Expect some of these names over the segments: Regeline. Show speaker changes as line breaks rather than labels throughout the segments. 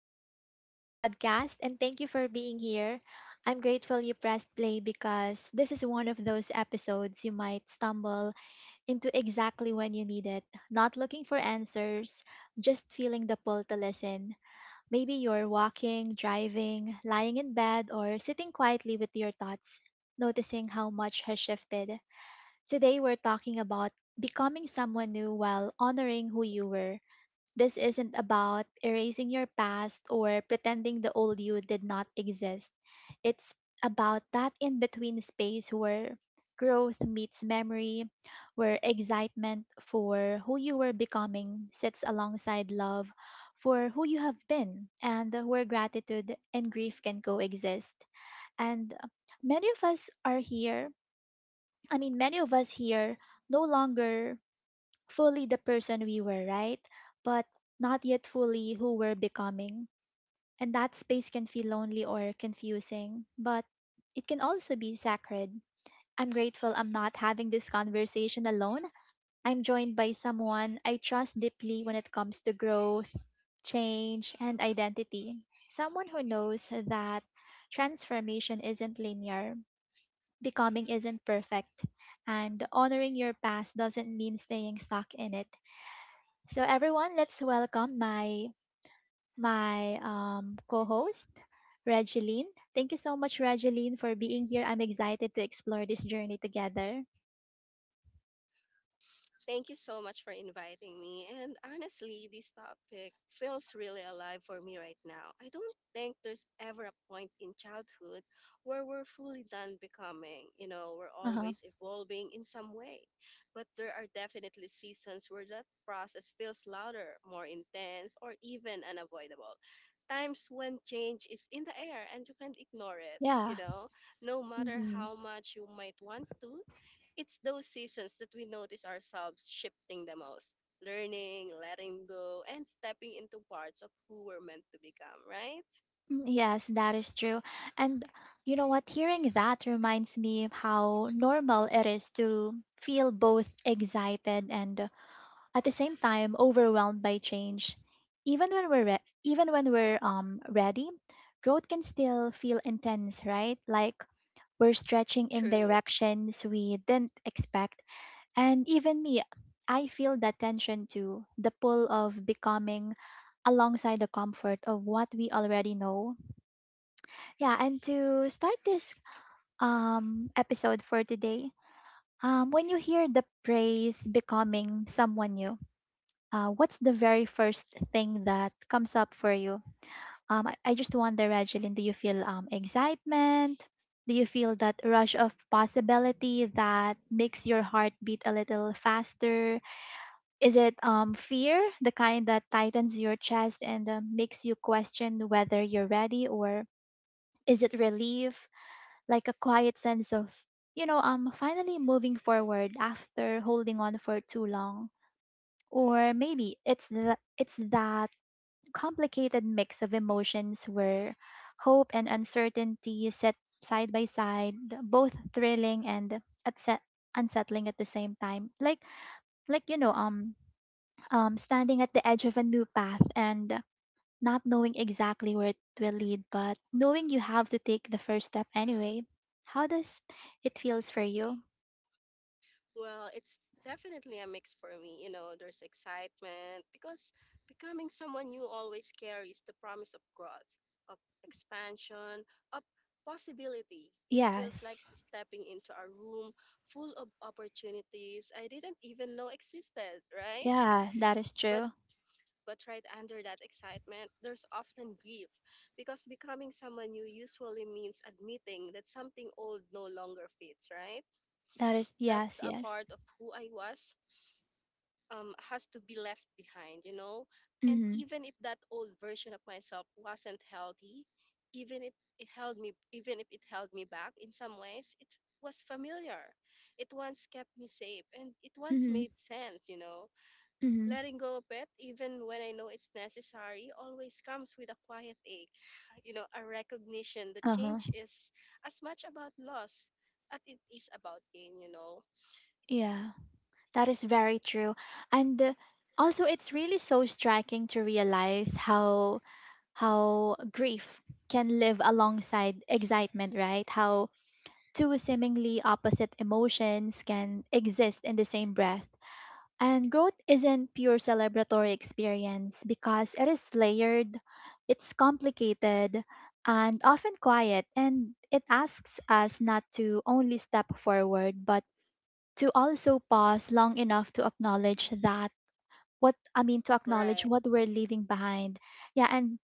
welcome back to the podcast, and thank you for being here. I'm grateful you pressed play because this is one of those episodes you might stumble into exactly when you need it. Not looking for answers, just feeling the pull to listen. Maybe you're walking, driving, lying in bed, or sitting quietly with your thoughts, noticing how much has shifted. Today, we're talking about becoming someone new while honoring who you were. This isn't about erasing your past or pretending the old you did not exist. It's about that in between space where growth meets memory, where excitement for who you were becoming sits alongside love for who you have been, and where gratitude and grief can coexist. And many of us are here, I mean, many of us here no longer fully the person we were, right? But not yet fully who we're becoming. And that space can feel lonely or confusing, but it can also be sacred. I'm grateful I'm not having this conversation alone. I'm joined by someone I trust deeply when it comes to growth, change, and identity. Someone who knows that transformation isn't linear, becoming isn't perfect, and honoring your past doesn't mean staying stuck in it. So everyone, let's welcome my co-host, Regeline. Thank you so much, Regeline, for being here. I'm excited to explore this journey together.
Thank you so much for inviting me. And honestly, this topic feels really alive for me right now. I don't think there's ever a point in childhood where we're fully done becoming. You know, we're
Uh-huh.
always evolving in some way. But there are definitely seasons where that process feels louder, more intense, or even unavoidable. Times when change is in the air and you can't ignore it.
Yeah.
You know, no matter
Mhm.
how much you might want to, it's those seasons that we notice ourselves shifting the most, learning, letting go, and stepping into parts of who we're meant to become, right?
Yes, that is true. And you know what? Hearing that reminds me of how normal it is to feel both excited and, at the same time, overwhelmed by change. Even even when we're ready, growth can still feel intense, right? Like, we're stretching in
True.
directions we didn't expect. And even me, I feel that tension too, the pull of becoming alongside the comfort of what we already know. Yeah, and to start this episode for today, when you hear the phrase becoming someone new, what's the very first thing that comes up for you? I just wonder, Regeline, do you feel, excitement? Do you feel that rush of possibility that makes your heart beat a little faster? Is it, fear, the kind that tightens your chest and makes you question whether you're ready? Or is it relief, like a quiet sense of, finally moving forward after holding on for too long? Or it's that complicated mix of emotions where hope and uncertainty set side by side, both thrilling and upset unsettling at the same time. Like, standing at the edge of a new path and not knowing exactly where it will lead, but knowing you have to take the first step anyway. How does it feels for you?
Well, it's definitely a mix for me. You know, there's excitement because becoming someone new always carries the promise of growth, of expansion, of possibility. It feels like
Yes.
stepping into a room full of opportunities I didn't even know existed, right?
Yeah, that is
But
true.
But right under that excitement, there's often grief because becoming someone new usually means admitting that something old no longer fits, right?
That is,
That's
yes,
a
yes.
part of who I was, has to be left behind, you know? And
Mhm.
even if that old version of myself wasn't healthy, even if it held me back in some ways, it was familiar. It once kept me safe and it once
Mhm.
made sense, you know?
Mhm.
Letting go of it, even when I know it's necessary, always comes with a quiet ache. You know, a recognition that
Uh-huh.
change is as much about loss as it is about gain, you know?
Yeah. That is very true. And, also, it's really so striking to realize how grief can live alongside excitement, right? How two seemingly opposite emotions can exist in the same breath. And growth isn't pure celebratory experience because it is layered, it's complicated, and often quiet, and it asks us not to only step forward but to also pause long enough to acknowledge that what I mean to acknowledge
Right.
what we're leaving behind. Yeah, and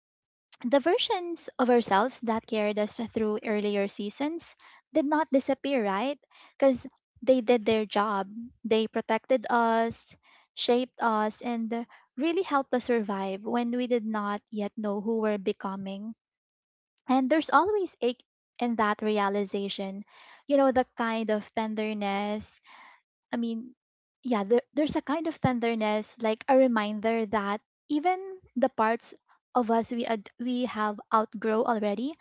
the versions of ourselves that carried us through earlier seasons did not disappear, right? Because they did their job. They protected us, shaped us, and really helped us survive when we did not yet know who we're becoming. And there's always ache in that realization. You know, the kind of tenderness I mean, yeah, there, there's a kind of tenderness, like a reminder that even the parts of us we have outgrow already,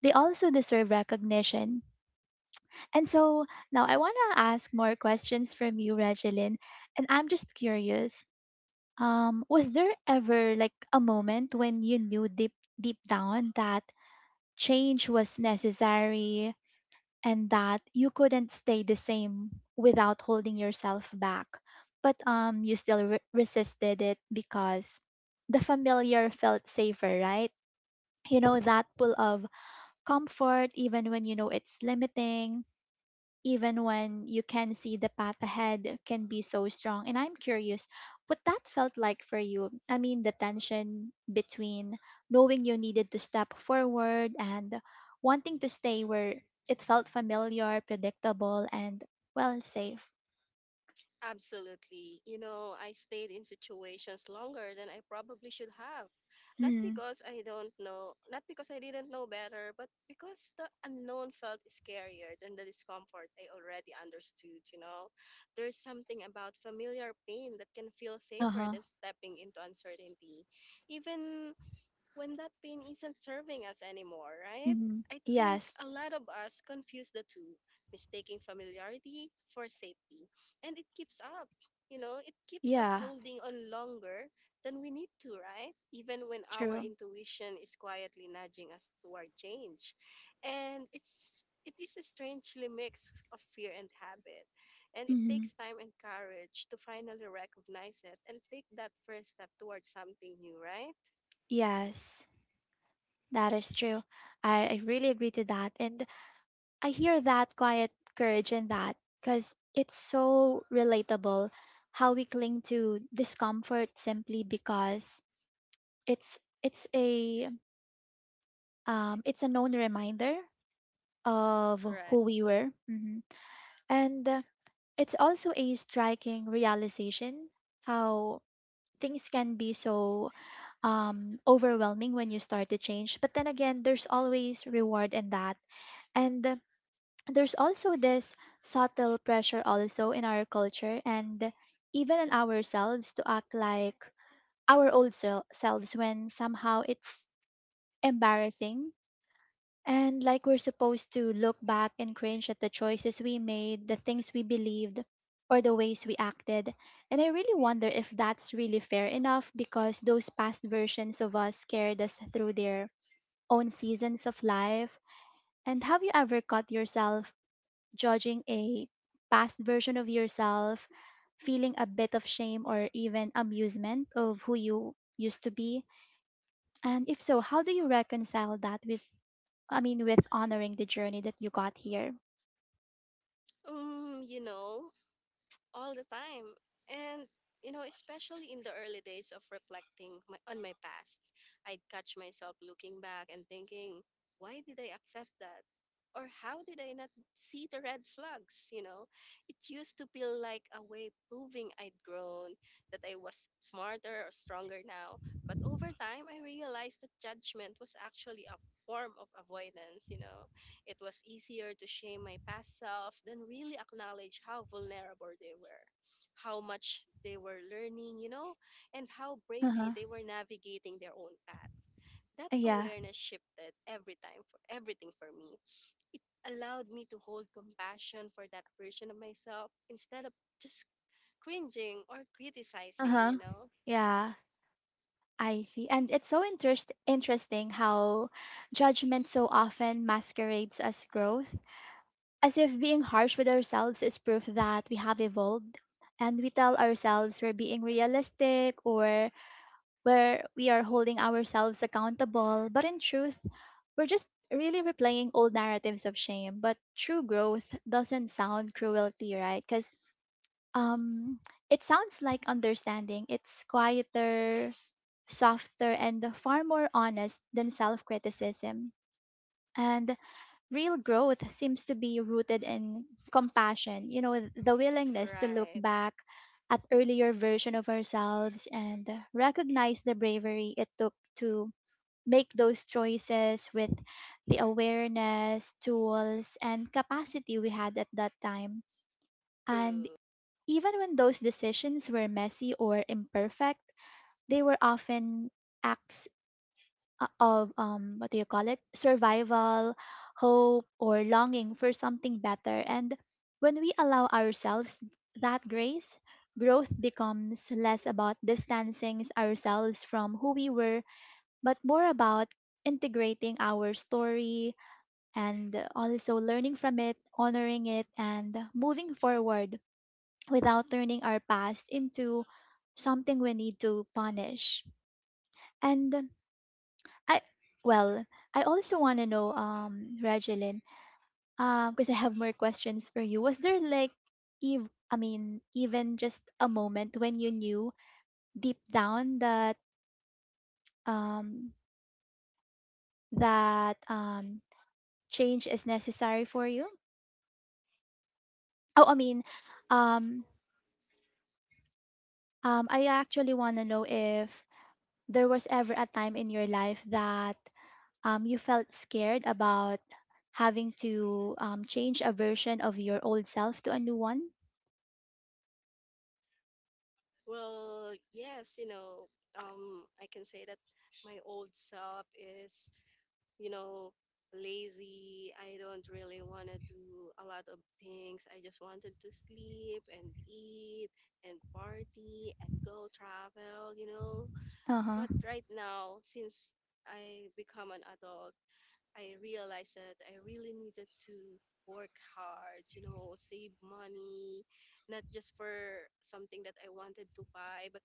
they also deserve recognition. And so now I want to ask more questions from you, Regeline, and I'm just curious. Was there ever like a moment when you knew deep down that change was necessary, and that you couldn't stay the same without holding yourself back. But resisted it because the familiar felt safer, right? You know, that pull of comfort, even when you know it's limiting, even when you can see the path ahead, can be so strong. And I'm curious what that felt like for you. I mean, the tension between knowing you needed to step forward and wanting to stay where it felt familiar, predictable, and, well, safe.
Absolutely. You know, I stayed in situations longer than I probably should have. Not
Mm,
because I don't know, not because I didn't know better, but because the unknown felt scarier than the discomfort I already understood, you know. There's something about familiar pain that can feel
uh
safer
huh.
than stepping into uncertainty. Even when that pain isn't serving us anymore, right?
Hmm.
I think a
Yes.
lot of us confuse the two, mistaking familiarity for safety. And it keeps up, you know, it keeps us
Yeah.
holding on longer than we need to, right? Even when our
True.
intuition is quietly nudging us toward change. And it is a strangely mix of fear and habit. And it
Hmm.
takes time and courage to finally recognize it and take that first step towards something new, right?
Yes. That is true. I really agree to that. And I hear that quiet courage in that because it's so relatable how we cling to discomfort simply because it's it's a it's a known reminder of
Right.
who we were. Mhm. And, it's also a striking realization how things can be so, overwhelming when you start to change, but then again, there's always reward in that. And, there's also this subtle pressure also in our culture and even in ourselves to act like our selves, when somehow it's embarrassing, and like we're supposed to look back and cringe at the choices we made, the things we believed, or the ways we acted. And I really wonder if that's really fair enough, because those past versions of us carried us through their own seasons of life. And have you ever caught yourself judging a past version of yourself, feeling a bit of shame or even amusement of who you used to be? And if so, how do you reconcile that with honoring the journey that you got here?
You know, all the time. And, you know, especially in the early days of reflecting on my past, I'd catch myself looking back and thinking, why did I accept that? Or how did I not see the red flags? You know, it used to feel like a way proving I'd grown, that I was smarter or stronger now. But over time, I realized that judgment was actually a form of avoidance, you know, it was easier to shame my past self than really acknowledge how vulnerable they were, how much they were learning, you know, and how bravely
Uh-huh.
they were navigating their own path. That
Yeah.
awareness shifted every time for everything for me. It allowed me to hold compassion for that version of myself instead of just cringing or criticizing,
Uh-huh.
you know?
Yeah, I see. And it's so interesting how judgment so often masquerades as growth, as if being harsh with ourselves is proof that we have evolved. And we tell ourselves we're being realistic, or where we are holding ourselves accountable, but in truth, we're just really replaying old narratives of shame. But true growth doesn't sound cruelty, right? Because, um, it sounds like understanding. It's quieter, softer, and far more honest than self criticism. And real growth seems to be rooted in compassion, you know, the willingness to look
Right.
back at earlier version of ourselves and recognize the bravery it took to make those choices with the awareness, tools, and capacity we had at that time. And
True.
even when those decisions were messy or imperfect, they were often acts, of what do you call it, survival, hope, or longing for something better. And when we allow ourselves that grace, growth becomes less about distancing ourselves from who we were, but more about integrating our story, and also learning from it, honoring it, and moving forward without turning our past into something we need to punish. And I well, I also want to know, Regeline, because I have more questions for you. Was there like, even just a moment when you knew deep down that, um that um change is necessary for you? Oh, I mean, um, I actually want to know if there was ever a time in your life that you felt scared about having to change a version of your old self to a new one.
Well, yes, you know, I can say that my old self is, you know, lazy. I don't really want to do a lot of things. I just wanted to sleep and eat and party and go travel, you know.
Uh-huh.
But right now, since I become an adult, I realized that I really needed to work hard, you know, save money, not just for something that I wanted to buy, but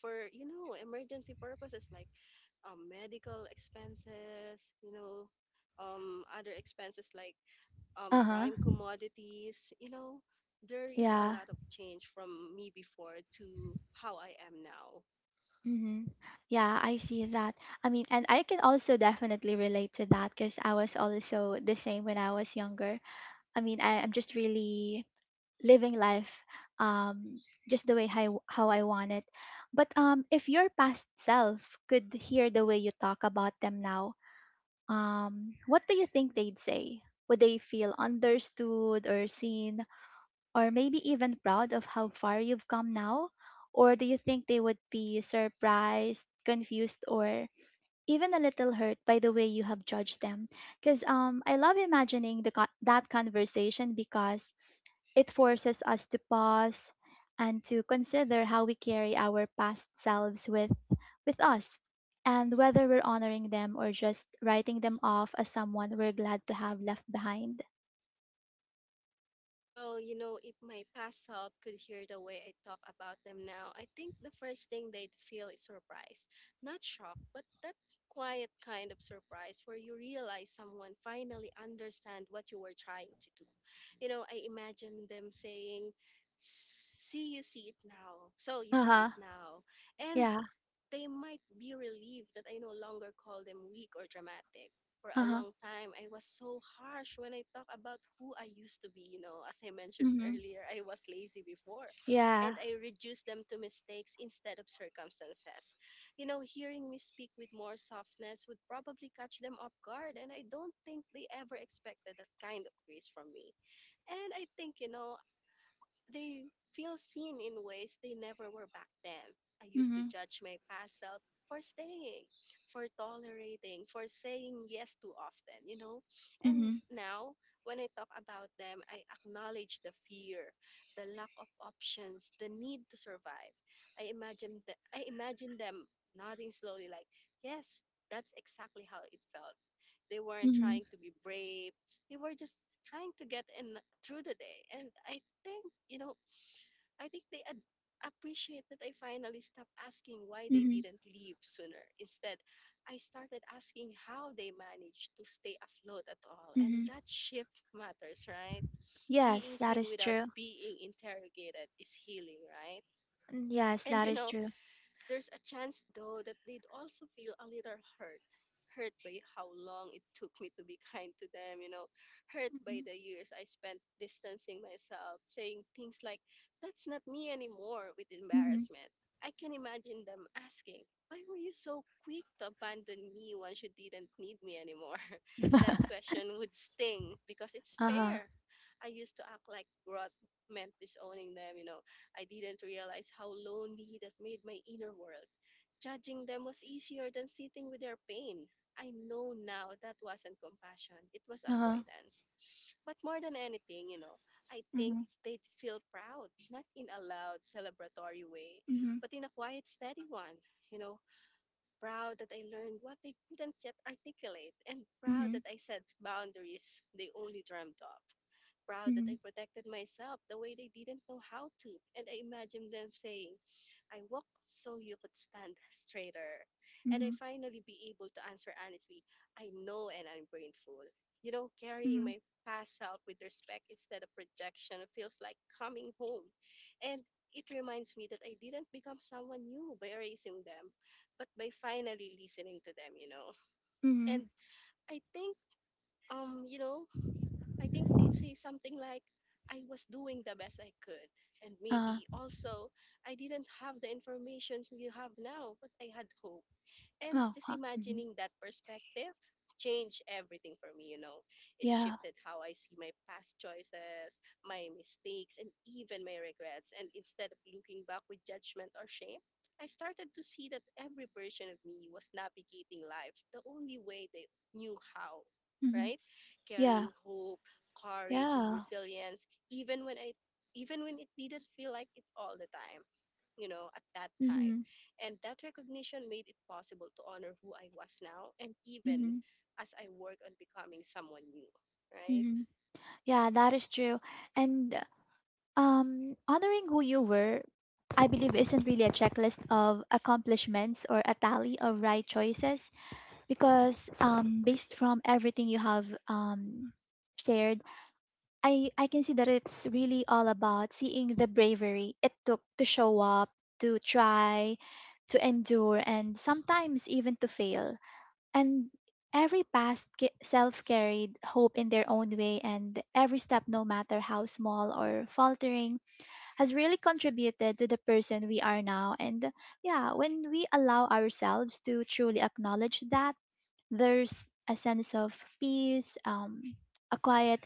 for, you know, emergency purposes like, medical expenses, you know, other expenses like,
Uh-huh.
prime commodities, you know, there is a
Yeah.
lot of change from me before to how I am now.
Hmm. Yeah, I see that. I mean, and I can also definitely relate to that, because I was also the same when I was younger. I'm just really living life, um just the way how I want it. But if your past self could hear the way you talk about them now, what do you think they'd say? Would they feel understood or seen, or maybe even proud of how far you've come now? Or do you think they would be surprised, confused, or even a little hurt by the way you have judged them? Because, I love imagining that conversation, because it forces us to pause and to consider how we carry our past selves with us, and whether we're honoring them or just writing them off as someone we're glad to have left behind.
Well, you know, if my past self could hear the way I talk about them now, I think the first thing they'd feel is surprise. Not shock, but that quiet kind of surprise where you realize someone finally understand what you were trying to do. You know, I imagine them saying, "See, you
Uh
see
huh.
it now." And
Yeah.
they might be relieved that I no longer call them weak or dramatic. For a
Uh huh.
long time, I was so harsh when I talk about who I used to be. You know, as I mentioned
Mm-hmm.
earlier, I was lazy before. And
Yeah.
I reduced them to mistakes instead of circumstances. You know, hearing me speak with more softness would probably catch them off guard. And I don't think they ever expected that kind of grace from me. And I think, you know, they feel seen in ways they never were back then. I used to
Mhm,
judge my past self for staying, for tolerating, for saying yes too often, you know? And
mhm,
now, when I talk about them, I acknowledge the fear, the lack of options, the need to survive. I imagine them nodding slowly like, "Yes, that's exactly how it felt." They weren't
mhm,
trying to be brave. They were just trying to get in through the day. And I thing. You know, I think they appreciate that I finally stopped asking why they
mhm,
didn't leave sooner. Instead, I started asking how they managed to stay afloat at all. And
mhm.
that shift matters, right?
Yes,
Being
that
seen
is
without
true.
being interrogated is healing, right?
Mm, yes,
And
that
you
is
know,
true.
there's a chance, though, that they'd also feel a little hurt. Hurt by how long it took me to be kind to them, you know. Hurt
Mhm,
by the years I spent distancing myself, saying things like, that's not me anymore, with
mhm.
embarrassment. I can imagine them asking, why were you so quick to abandon me once you didn't need me anymore? That question would sting because it's
Uh-huh.
fair. I used to act like growth meant disowning them, you know, I didn't realize how lonely that made my inner world. Judging them was easier than sitting with their pain. I know now that wasn't compassion, it was
Uh-huh.
avoidance. But more than anything, you know, I think
Mhm,
they'd feel proud, not in a loud, celebratory way,
mhm,
but in a quiet, steady one. You know, proud that I learned what they couldn't yet articulate, and proud
mhm,
that I set boundaries they only dreamt of, proud that
mhm,
I protected myself the way they didn't know how to. And I imagined them saying, I walked so you could stand straighter. And I
mhm,
finally be able to answer honestly, I know and I'm grateful. You know, carrying
mhm,
my past self with respect instead of rejection feels like coming home. And it reminds me that I didn't become someone new by erasing them, but by finally listening to them, you know.
mhm.
And I think, you know, I think they say something like, I was doing the best I could. And
Uh,
maybe also, I didn't have the information you have now, but I had hope. And
oh,
just
huh. Mhm.
imagining that perspective changed everything for me, you know. It
Yeah.
shifted how I see my past choices, my mistakes, and even my regrets. And instead of looking back with judgment or shame, I started to see that every version of me was navigating life the only way they knew how,
Mhm.
right?
Yeah.
Carrying hope, courage, and
Yeah.
resilience, even when it didn't feel like it all the time, you know, at that time.
Mhm,
And that recognition made it possible to honor who I was now and even
mhm,
as I work on becoming someone new, right?
mhm. Yeah, that is true. And, honoring who you were, I believe, isn't really a checklist of accomplishments or a tally of right choices. Because, based from everything you have, shared, I can see that it's really all about seeing the bravery it took to show up, to try, to endure, and sometimes even to fail. And every self carried hope in their own way, and every step, no matter how small or faltering, has really contributed to the person we are now. And yeah, when we allow ourselves to truly acknowledge that, there's a sense of peace, a quiet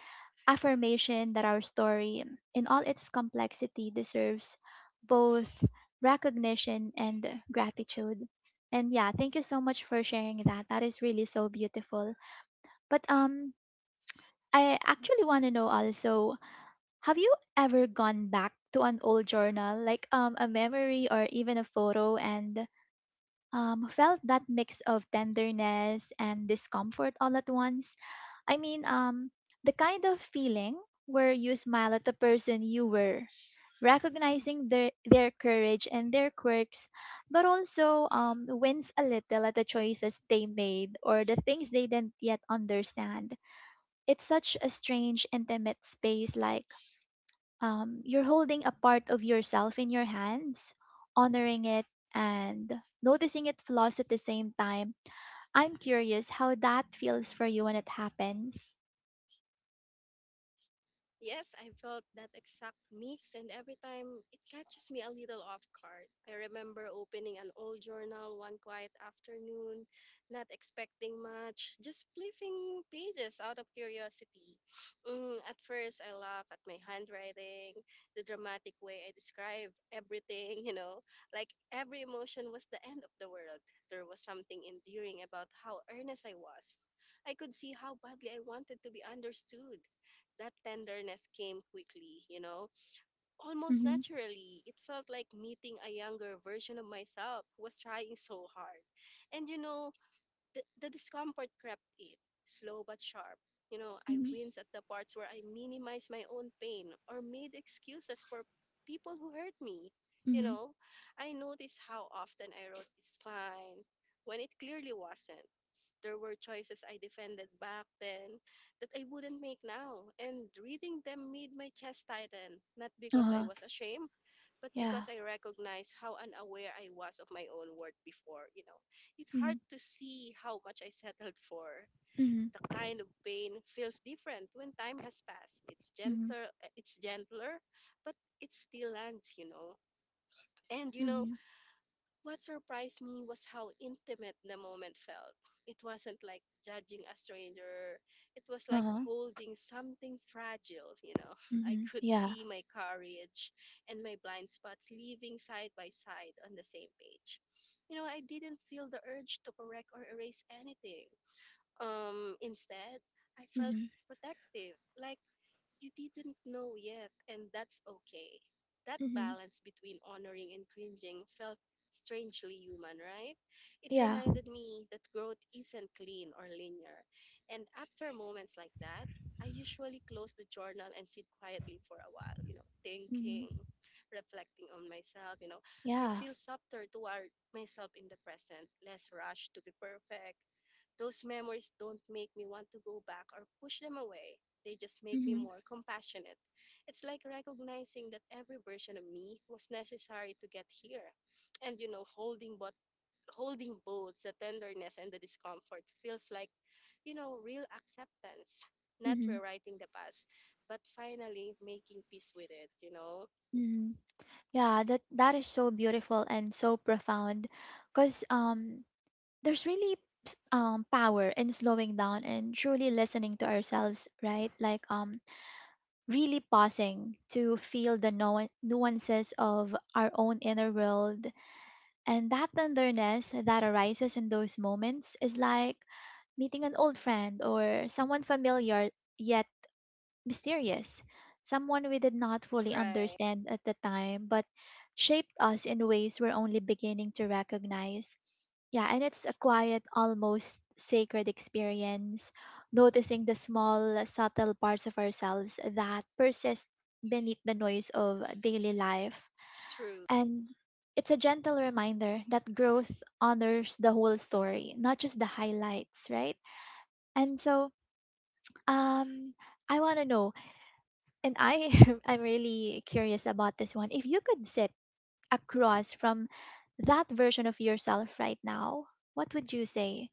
affirmation that our story, in all its complexity, deserves both recognition and gratitude. And yeah, thank you so much for sharing that. That is really so beautiful. But I actually want to know also, have you ever gone back to an old journal, like a memory or even a photo, and felt that mix of tenderness and discomfort all at once? I mean, the kind of feeling where you smile at the person you were, recognizing their courage and their quirks, but also wins a little at the choices they made or the things they didn't yet understand. It's such a strange, intimate space. Like you're holding a part of yourself in your hands, honoring it and noticing its flaws at the same time. I'm curious how that feels for you when it happens.
Yes, I felt that exact mix, and every time it catches me a little off guard. I remember opening an old journal one quiet afternoon, not expecting much, just flipping pages out of curiosity. At first, I laughed at my handwriting, the dramatic way I described everything, you know, like every emotion was the end of the world. There was something endearing about how earnest I was. I could see how badly I wanted to be understood, that tenderness came quickly, you know, almost
Mm-hmm.
naturally. It felt like meeting a younger version of myself who was trying so hard. And, you know, the discomfort crept in, slow but sharp. You know, I winced at the parts where I minimized my own pain or made excuses for people who hurt me. You
Mhm.
know, I noticed how often I wrote, it's fine, when it clearly wasn't. There were choices I defended back then that I wouldn't make now. And reading them made my chest tighten, not because I
Uh-huh.
was ashamed, but
Yeah.
because I recognized how unaware I was of my own worth before, you know. It's hard
Mhm.
to see how much I settled for.
Mhm.
The kind of pain feels different when time has passed.
Mhm.
It's gentler, but it still lands, you know. And you know,
Mhm.
what surprised me was how intimate the moment felt. It wasn't like judging a stranger, it was like
Uh-huh.
holding something fragile, you know. I
Mhm.
could
Yeah.
see my courage and my blind spots living side by side on the same page. I didn't feel the urge to correct or erase anything. Instead, I felt
Mhm.
protective, like you didn't know yet, and that's okay. That
Mhm.
balance between honoring and cringing felt strangely human, right? It
Yeah.
reminded me that growth isn't clean or linear. And after moments like that, I usually close the journal and sit quietly for a while,
Mhm.
thinking, reflecting on myself, I
Yeah.
feel softer toward myself in the present, less rushed to be perfect. Those memories don't make me want to go back or push them away. They just make me
Mhm.
more compassionate. It's like recognizing that every version of me was necessary to get here. And holding both the tenderness and the discomfort feels like real acceptance. Not
Mhm.
rewriting the past, but finally making peace with it.
Mhm. Yeah, that is so beautiful and so profound cuz there's really power in slowing down and truly listening to ourselves, right? Like really pausing to feel the nuances of our own inner world. And that tenderness that arises in those moments is like meeting an old friend or someone familiar yet mysterious, someone we did not fully
Right.
understand at the time but shaped us in ways we're only beginning to recognize. Yeah, and it's a quiet, almost sacred experience, noticing the small, subtle parts of ourselves that persist beneath the noise of daily life,
True.
and it's a gentle reminder that growth honors the whole story, not just the highlights, right? And so, um, I want to know, and I I'm really curious about this one. If you could sit across from that version of yourself right now, what would you say?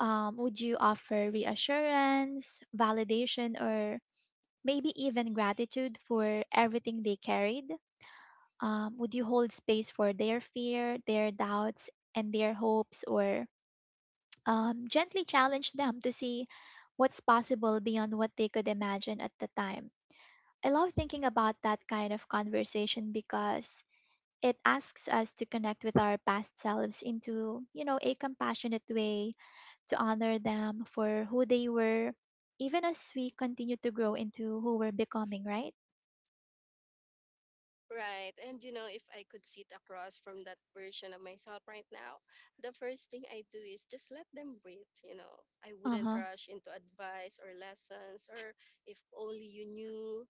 Would you offer reassurance, validation, or maybe even gratitude for everything they carried? Would you hold space for their fear, their doubts, and their hopes, or gently challenge them to see what's possible beyond what they could imagine at the time? I love thinking about that kind of conversation because it asks us to connect with our past selves into a compassionate way to honor them for who they were, even as we continue to grow into who we're becoming, right?
Right. And if I could sit across from that version of myself right now, the first thing I do is just let them breathe. I
Uh
wouldn't
huh.
rush into advice or lessons or if only you knew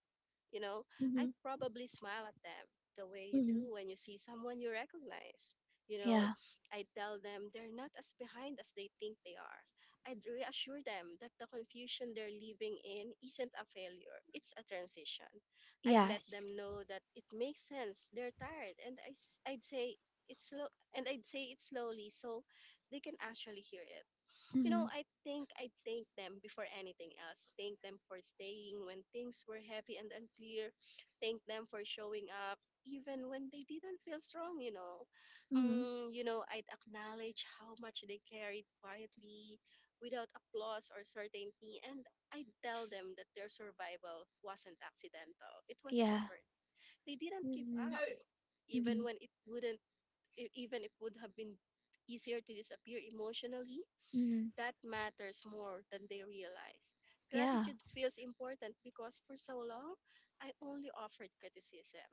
you know,
Mm-hmm.
I'd probably smile at them the way you
Mm-hmm.
do when you see someone you recognize. You know,
Yeah.
I tell them they're not as behind as they think they are. I'd reassure them that the confusion they're living in isn't a failure, it's a transition. I'd let
Yes.
them know that it makes sense, they're tired, and would say it's slow, and I'd say it slowly so they can actually hear it you
Mm-hmm.
know, I think I thank them before anything else. Thank them for staying when things were heavy and unclear. Thank them for showing up even when they didn't feel strong.
Mhm.
I'd acknowledge how much they carried quietly without applause or certainty, and I tell them that their survival wasn't accidental. It was
Yeah.
effort. They didn't give
Mhm.
up
Yay.
even
Mhm.
when it wouldn't e- even it would have been easier to disappear emotionally.
Mhm.
That matters more than they realize.
Yeah.
Gratitude feels important because for so long, I only offered criticism.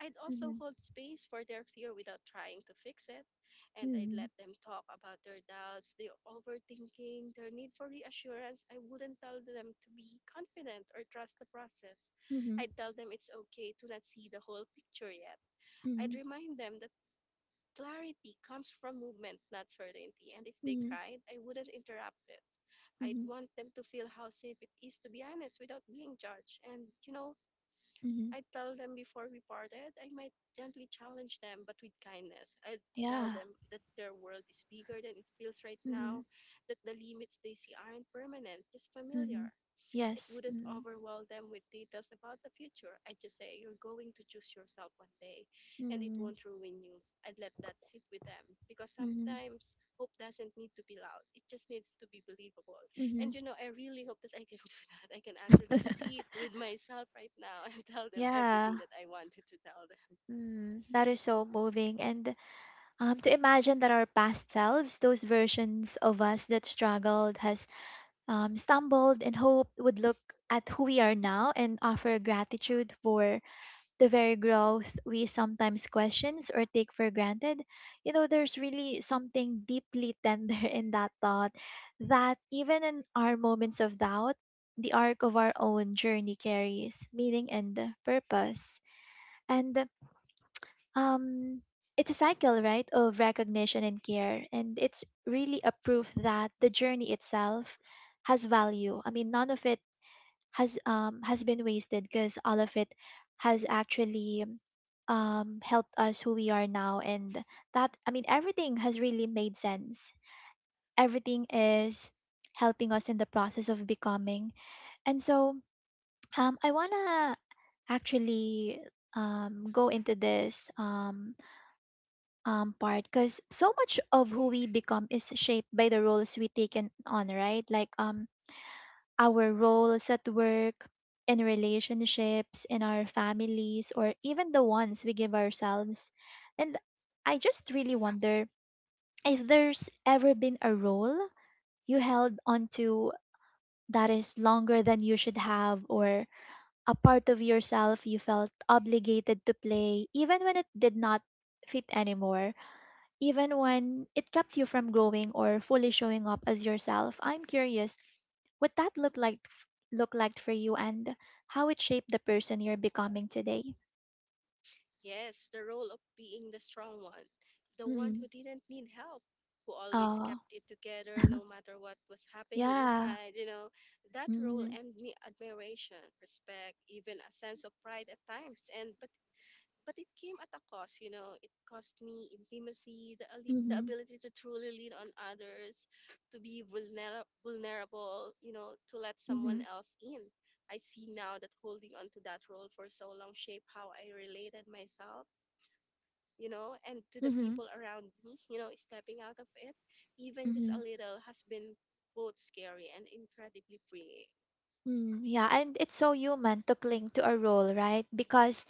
I'd also
Mhm.
hold space for their fear without trying to fix it, and I'd
Mhm.
let them talk about their doubts, their overthinking, their need for reassurance. I wouldn't tell them to be confident or trust the process.
Mhm.
I'd tell them it's okay to not see the whole picture yet. I'd
Mhm.
remind them that clarity comes from movement, not certainty. And if they
Mhm.
cried, I wouldn't interrupt it. I'd
Mhm.
want them to feel how safe it is to be honest without being judged. And,
Mhm.
I tell them before we parted, I might gently challenge them, but with kindness. I'd tell
Yeah.
them that their world is bigger than it feels right now,
Mhm.
that the limits they see aren't permanent, just
Mhm.
familiar. It
Yes.
wouldn't
Mhm.
overwhelm them with details about the future. I just say, "You're going to choose yourself one day, and it
Mhm.
won't ruin you." I'd let that sit with them because
Mhm.
sometimes hope doesn't need to be loud, it just needs to be believable. And
Mhm.
I really hope that I can do that. I can actually sit with myself right now and tell them everything
Yeah.
that I wanted to tell them.
Mm, that is so moving. And to imagine that our past selves, those versions of us that struggled, has stumbled, and hoped, would look at who we are now and offer gratitude for the very growth we sometimes questions or take for granted. You know, there's really something deeply tender in that thought, that even in our moments of doubt, the arc of our own journey carries meaning and purpose. And um it's a cycle, right, of recognition and care, and it's really a proof that the journey itself has value. I mean, none of it has been wasted, because all of it has actually helped us who we are now. And that, I mean, everything has really made sense. Everything is helping us in the process of becoming. And so I want to actually go into this part, because so much of who we become is shaped by the roles we take in on, right? Like our roles at work, in relationships, in our families, or even the ones we give ourselves. And I just really wonder if there's ever been a role you held onto that is longer than you should have, or a part of yourself you felt obligated to play, even when it did not fit anymore, even when it kept you from growing or fully showing up as yourself. I'm curious what that looked like for you, and how it shaped the person you're becoming today.
Yes, the role of being the strong one, the one
Mm-hmm.
who didn't need help, who always
Oh,
kept it together no matter what was happening
yeah.
inside, that role
Mm-hmm.
and me admiration, respect, even a sense of pride at times. And but it came at a cost, It cost me intimacy, the
Mm-hmm.
ability to truly lean on others, to be vulnerable, to let someone
Mm-hmm.
else in. I see now that holding on to that role for so long shaped how I related myself, and to the
Mm-hmm.
people around me, stepping out of it, even just
Mm-hmm.
a little, has been both scary and incredibly freeing.
Mm, yeah, and it's so human to cling to a role, right? Because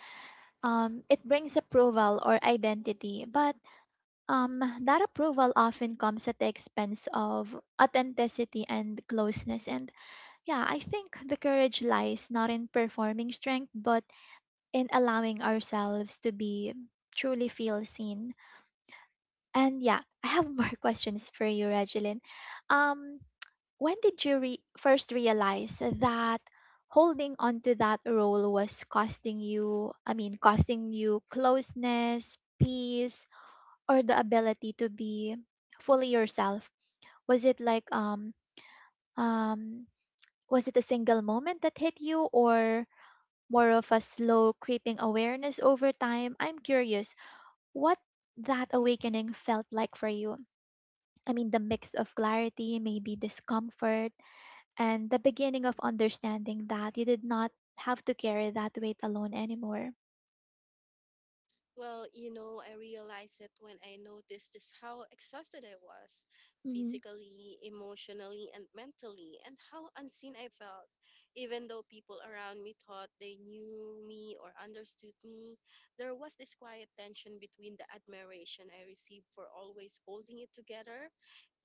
it brings approval or identity, but that approval often comes at the expense of authenticity and closeness. And yeah, I think the courage lies not in performing strength, but in allowing ourselves to be truly feel seen. And yeah, I have more questions for you, Regeline. Um, when did you first realize that holding on to that role was costing you, I mean, costing you closeness, peace, or the ability to be fully yourself? Was it like um was it a single moment that hit you, or more of a slow creeping awareness over time? I'm curious what that awakening felt like for you. I mean, the mix of clarity, maybe discomfort, and the beginning of understanding that you did not have to carry that weight alone anymore.
Well, I realized it when I noticed just how exhausted I was
Mm-hmm.
physically, emotionally, and mentally, and how unseen I felt. Even though people around me thought they knew me or understood me, there was this quiet tension between the admiration I received for always holding it together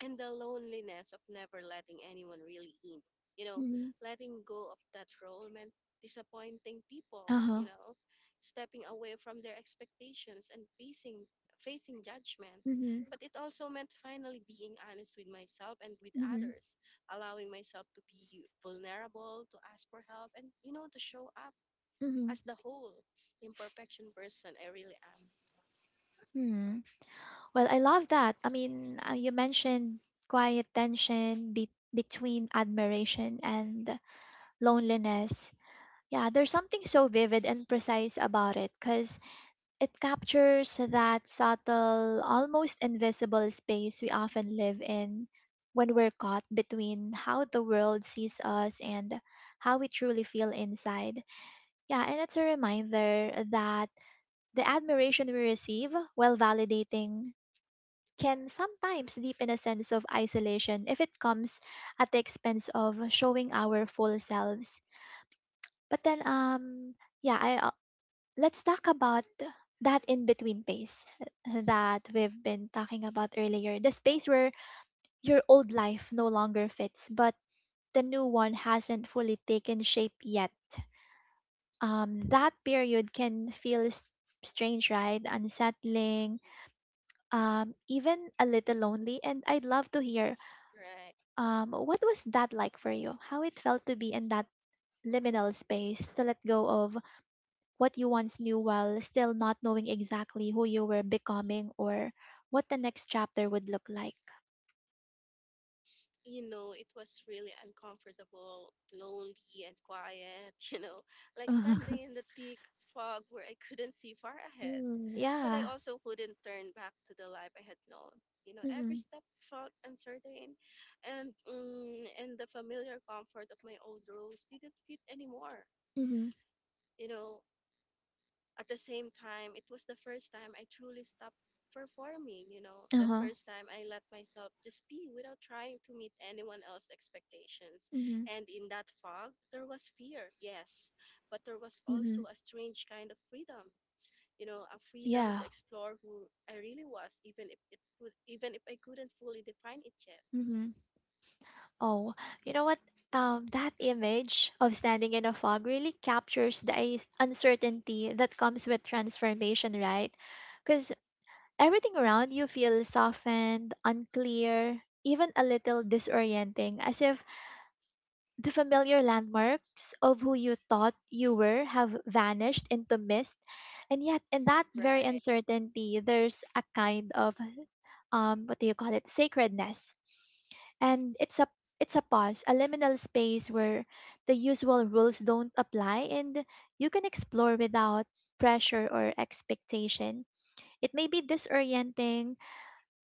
and the loneliness of never letting anyone really in. You know,
Mm-hmm.
letting go of that role meant disappointing people,
Uh-huh.
stepping away from their expectations and facing judgment.
Mm-hmm.
But it also meant finally being honest with myself and with
Mm-hmm.
others, allowing myself to be vulnerable, to ask for help, and to show up
Mm-hmm.
as the whole imperfection person I really am.
hmm Well, I love that. I mean, you mentioned quiet tension between admiration and loneliness. Yeah, there's something so vivid and precise about it, because it captures that subtle, almost invisible space we often live in when we're caught between how the world sees us and how we truly feel inside. Yeah, and it's a reminder that the admiration we receive, while validating, can sometimes deepen a sense of isolation if it comes at the expense of showing our full selves. But then, yeah, I let's talk about that in between phase that we've been talking about earlier, the space where your old life no longer fits but the new one hasn't fully taken shape yet. That period can feel strange, right, unsettling, even a little lonely. And I'd love to hear
Right.
what was that like for you, how it felt to be in that liminal space, to let go of what you once knew while still not knowing exactly who you were becoming or what the next chapter would look like.
It was really uncomfortable, lonely, and quiet, like standing in the thick fog where I couldn't see far ahead.
Mm,
But I
yeah.
also couldn't turn back to the life I had known. Every
Mm-hmm.
step felt uncertain, and the familiar comfort of my old rules didn't fit anymore.
Mm-hmm.
You know, at the same time, it was the first time I truly stopped performing, the
Uh-huh.
first time I let myself just be without trying to meet anyone else's expectations.
Mm-hmm.
And in that fog, there was fear, yes, but there was
Mm-hmm.
also a strange kind of freedom, a freedom to
Yeah.
explore who I really was, even if I couldn't fully define it yet.
Mm-hmm. Oh, you know what? That image of standing in a fog really captures the uncertainty that comes with transformation, right? Because everything around you feels softened, unclear, even a little disorienting, as if the familiar landmarks of who you thought you were have vanished into mist, and yet in that very
Right,
uncertainty, there's a kind of what do you call it, sacredness, and it's a pause, a liminal space where the usual rules don't apply, and you can explore without pressure or expectation. It may be disorienting,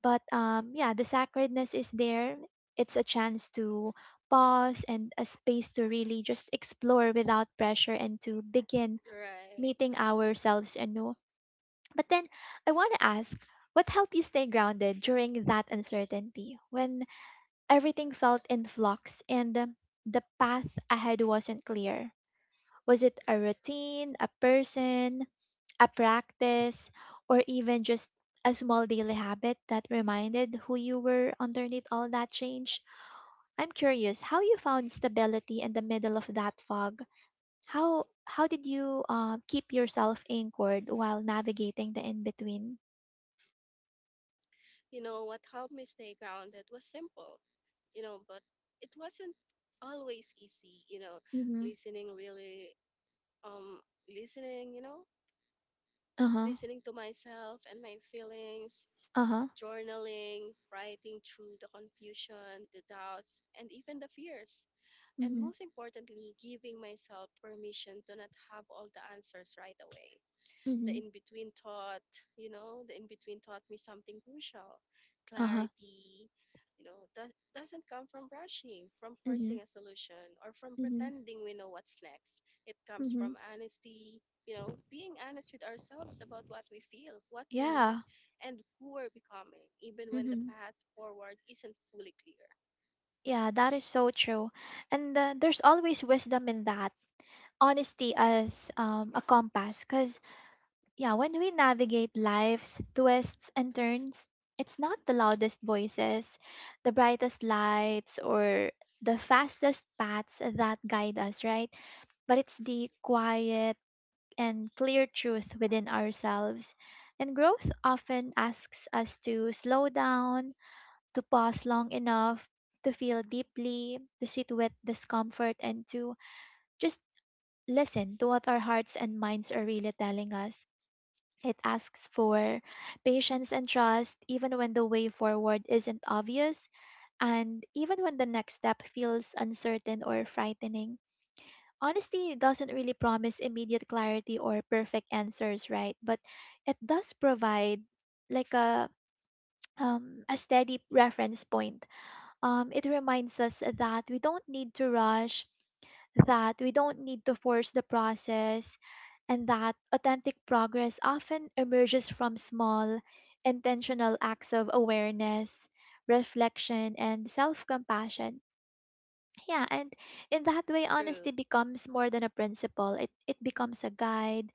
but yeah, the sacredness is there. It's a chance to pause, and a space to really just explore without pressure, and to begin
right.
meeting ourselves anew. But then I want to ask, what helped you stay grounded during that uncertainty, when everything felt in flux and the path ahead wasn't clear? Was it a routine, a person, a practice, or even just a small daily habit that reminded who you were underneath all that change? I'm curious how you found stability in the middle of that fog. How did you keep yourself anchored while navigating the in between?
What helped me stay grounded was simple, but it wasn't always easy,
Mm-hmm.
listening really, um, listening,
Uh huh.
listening to myself and my feelings,
Uh huh.
journaling, writing through the confusion, the doubts, and even the fears. And
Mm-hmm.
most importantly, giving myself permission to not have all the answers right away. the
Mm-hmm.
in between taught, you know, the in between taught me something crucial:
Uh huh.
clarity. Doesn't come from rushing, from
Mm-hmm.
forcing a solution, or from
Mm-hmm.
pretending we know what's next. It comes
Mm-hmm.
from honesty, being honest with ourselves about what we feel, what we need,
Yeah.
and who we're becoming, even when the
Mm-hmm.
path forward isn't fully clear.
Yeah, that is so true. And there's always wisdom in that honesty as a compass, because yeah, when we navigate life's twists and turns, it's not the loudest voices, the brightest lights, or the fastest paths that guide us, right? But it's the quiet and clear truth within ourselves. And growth often asks us to slow down, to pause long enough, to feel deeply, to sit with discomfort, and to just listen to what our hearts and minds are really telling us. It asks for patience and trust, even when the way forward isn't obvious, and even when the next step feels uncertain or frightening. Honesty doesn't really promise immediate clarity or perfect answers, right? But it does provide, like, a steady reference point. It reminds us that we don't need to rush, that we don't need to force the process, and that authentic progress often emerges from small, intentional acts of awareness, reflection, and self compassion. Yeah, and in that way,
True.
honesty becomes more than a principle, it becomes a guide,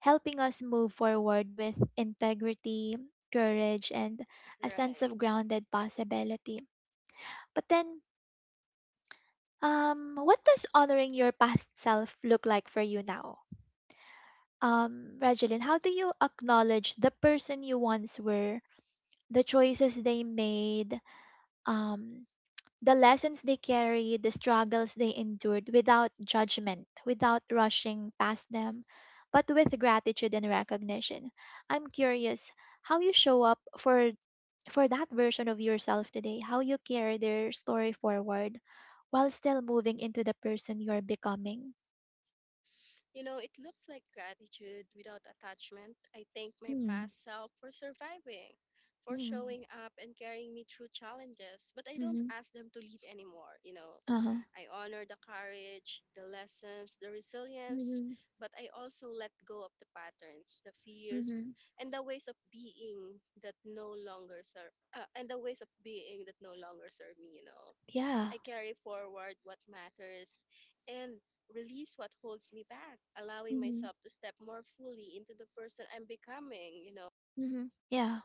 helping us move forward with integrity, courage, and a sense
Right.
of grounded possibility. But then, what does honoring your past self look like for you now? Regeline, how do you acknowledge the person you once were, the choices they made, um, the lessons they carried, the struggles they endured, without judgment, without rushing past them, but with gratitude and recognition? I'm curious how you show up for that version of yourself today, how you carry their story forward while still moving into the person you're becoming.
It looks like gratitude without attachment. I thank my
Mhm,
past self for surviving, for
mhm,
showing up and carrying me through challenges, but I don't
mhm.
ask them to lead anymore,
Uh-huh.
I honor the courage, the lessons, the resilience,
Mhm,
but I also let go of the patterns, the fears,
mhm.
and the ways of being that no longer serve and the ways of being that no longer serve me,
Yeah.
I carry forward what matters and release what holds me back, allowing
Mhm,
myself to step more fully into the person I'm becoming, you know,
mhm. Yeah.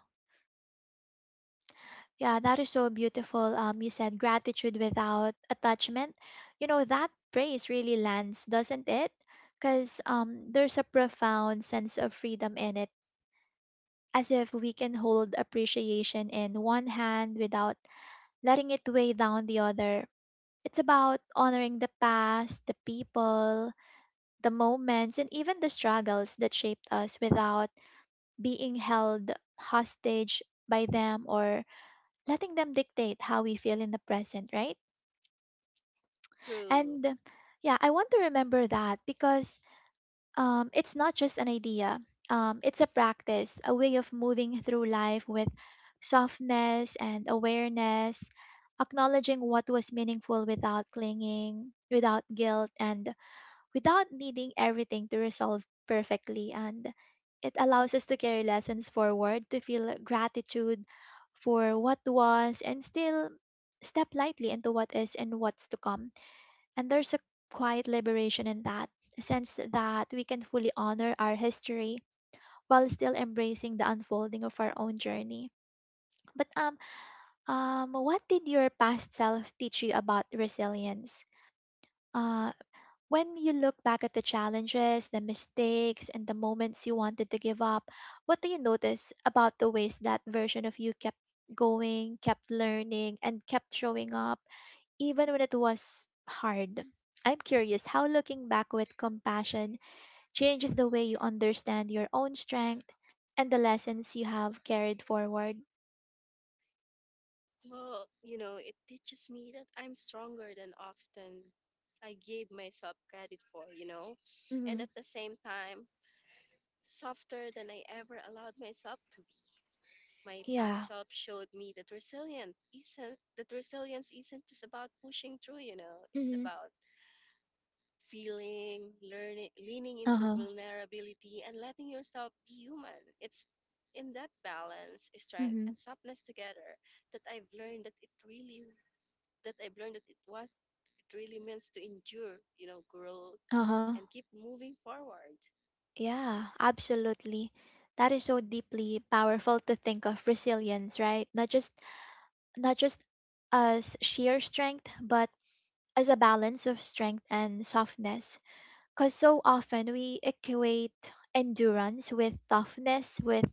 Yeah, that is so beautiful. You said gratitude without attachment. You know, that phrase really lands, doesn't it? Because there's a profound sense of freedom in it, as if we can hold appreciation in one hand without letting it weigh down the other. It's about honoring the past, the people, the moments, and even the struggles that shaped us without being held hostage by them or letting them dictate how we feel in the present, right?
through
And yeah, I want to remember that because it's not just an idea, it's a practice, a way of moving through life with softness and awareness, acknowledging what was meaningful without clinging, without guilt, and without needing everything to resolve perfectly, and it allows us to carry lessons forward, to feel gratitude for what was and still step lightly into what is and what's to come. And there's a quiet liberation in that, a sense that we can fully honor our history while still embracing the unfolding of our own journey. But what did your past self teach you about resilience? uh when you look back at the challenges, the mistakes, and the moments you wanted to give up, what do you notice about the ways that version of you kept going, kept learning, and kept showing up, even when it was hard? I'm curious how looking back with compassion changes the way you understand your own strength and the lessons you have carried forward.
well, it teaches me that I'm stronger than often I gave myself credit for, and
Hmm.
at the same time, softer than I ever allowed myself to be. My past
Yeah.
self showed me that resilience isn't just about pushing through, it's
Hmm.
about feeling, learning, leaning
Uh
into
huh.
vulnerability, and letting yourself be human. It's in that balance, strength,
Hmm.
and softness together that I've learned that it really that I've learned that it what it really means to endure, grow
Uh huh.
and keep moving forward.
Yeah, absolutely. That is so deeply powerful, to think of resilience, right? Not just as sheer strength, but as a balance of strength and softness. Cause so often we equate endurance with toughness, with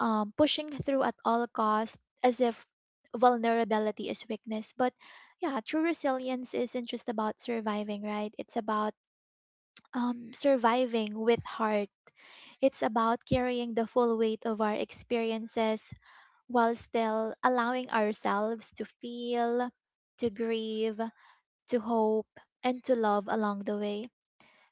pushing through at all costs, as if vulnerability is weakness. But yeah, true resilience isn't just about surviving, right? It's about surviving with heart. It's about carrying the full weight of our experiences while still allowing ourselves to feel, to grieve, to hope, and to love along the way.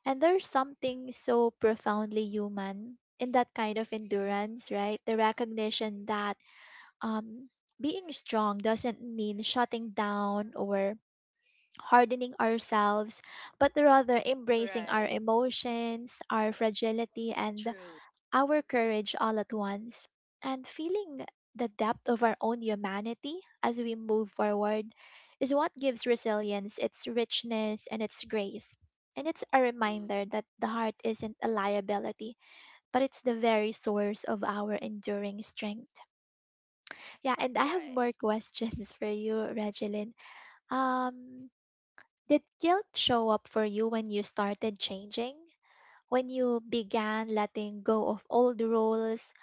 And there's something so profoundly human in that kind of endurance, right? The recognition that um, being strong doesn't mean shutting down or hardening ourselves, but rather embracing our
Right.
emotions, our fragility, and
True.
our courage all at once, and feeling the depth of our own humanity as we move forward is what gives resilience its richness and its grace. And it's a
True.
reminder that the heart isn't a liability, but it's the very source of our enduring strength. Yeah, and I have
Right.
more questions for you, Regeline. Um, did guilt show up for you when you started changing? When you began letting go of old roles,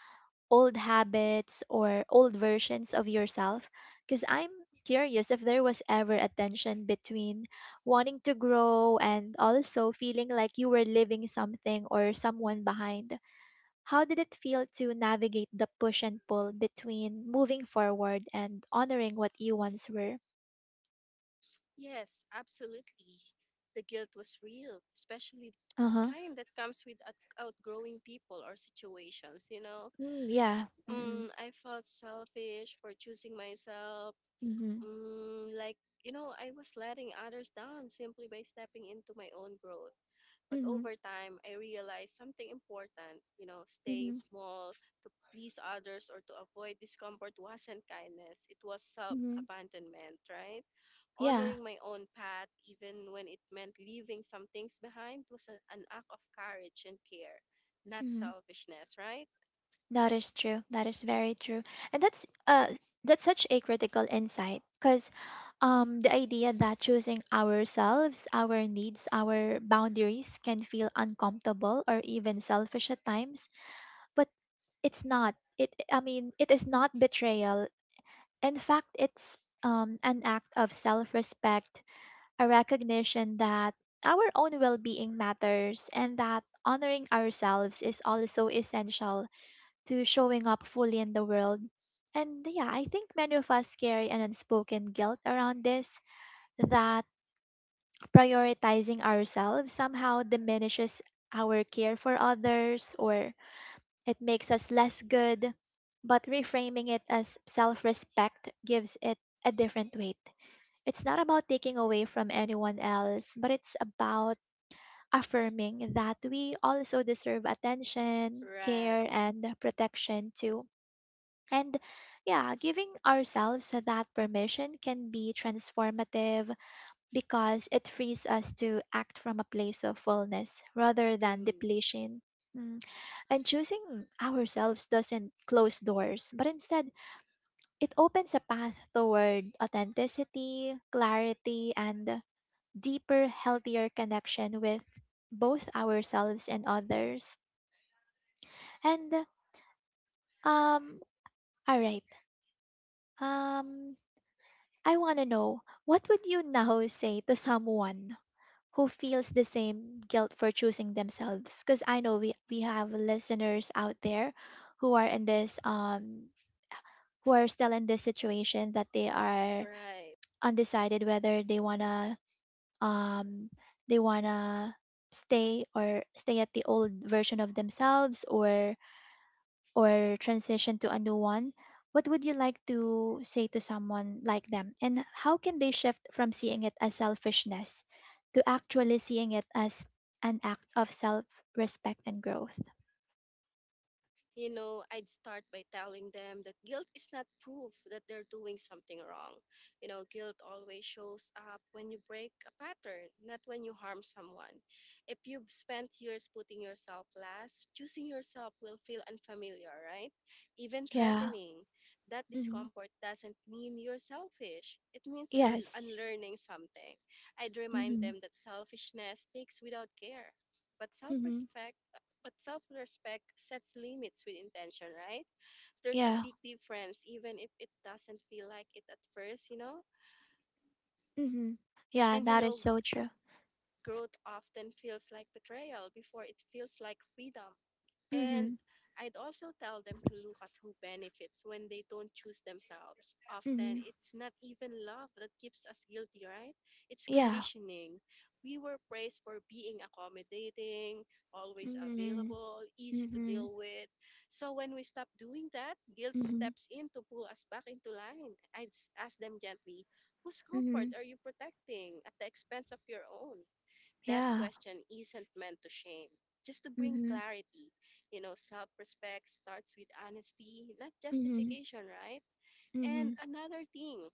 old habits, or old versions of yourself? Because I'm curious if there was ever a tension between wanting to grow and also feeling like you were leaving something or someone behind. How did it feel to navigate the push and pull between moving forward and honoring what you once were?
Yes, absolutely. The guilt was real, especially
Uh
the
huh.
kind that comes with outgrowing people or situations,
Mm, yeah. Mm-hmm.
Mm, I felt selfish for choosing myself.
Mm-hmm.
Mm, like, I was letting others down simply by stepping into my own growth. But
Mm-hmm.
over time, I realized something important. Staying small to please others or to avoid discomfort wasn't kindness, it was self
Mm-hmm.
abandonment, right?
Yeah.
Honoring my own path, even when it meant leaving some things behind, was a, an act of courage and care, not
Mm-hmm.
selfishness, right?
That is true. That is very true. And that's such a critical insight because the idea that choosing ourselves, our needs, our boundaries can feel uncomfortable or even selfish at times, but it's not. It I mean, it is not betrayal. In fact, it's an act of self-respect, a recognition that our own well-being matters and that honoring ourselves is also essential to showing up fully in the world. And yeah, I think many of us carry an unspoken guilt around this, that prioritizing ourselves somehow diminishes our care for others or it makes us less good. But reframing it as self respect gives it a different weight. It's not about taking away from anyone else, but it's about affirming that we also deserve attention,
Right.
care, and protection too. And yeah, giving ourselves that permission can be transformative because it frees us to act from a place of fullness rather than
True.
depletion. Mm. And choosing ourselves doesn't close doors, but instead, it opens a path toward authenticity, clarity, and deeper, healthier connection with both ourselves and others. And, um, all right. Um, I want to know, what would you now say to someone who feels the same guilt for choosing themselves? Because I know we have listeners out there who are in this who are still in this situation, that they are
Right.
undecided whether um they wanna stay or stay at the old version of themselves, or transition to a new one. What would you like to say to someone like them? And how can they shift from seeing it as selfishness to actually seeing it as an act of self respect and growth?
I'd start by telling them that guilt is not proof that they're doing something wrong. Guilt always shows up when you break a pattern, not when you harm someone. If you've spent years putting yourself last, choosing yourself will feel unfamiliar, right? Even
Yeah.
threatening. That
Hmm.
discomfort doesn't mean you're selfish, it means you're
Yes.
unlearning something. I'd remind them
Hmm.
that selfishness takes without care, but self
Hmm.
respect. But self respect sets limits with intention, right? There's a
Yeah.
big difference, even if it doesn't feel like it at first,
Hmm. Yeah,
And
that is so true.
growth often feels like betrayal before it feels like freedom. And
Hmm.
I'd also tell them to look at who benefits when they don't choose themselves. Often
Hmm.
it's not even love that keeps us guilty, right? It's
Yeah.
conditioning. We were praised for being accommodating, always
Hmm.
available, easy to
Hmm.
deal with. So when we stop doing that, guilt
Hmm.
steps in to pull us back into line. Ask them gently, whose comfort
Hmm.
are you protecting at the expense of your own? That
Yeah.
question isn't meant to shame, just to bring
Hmm.
clarity. You know, self respect starts with honesty, not
Hmm.
justification, right? And
Hmm.
another thing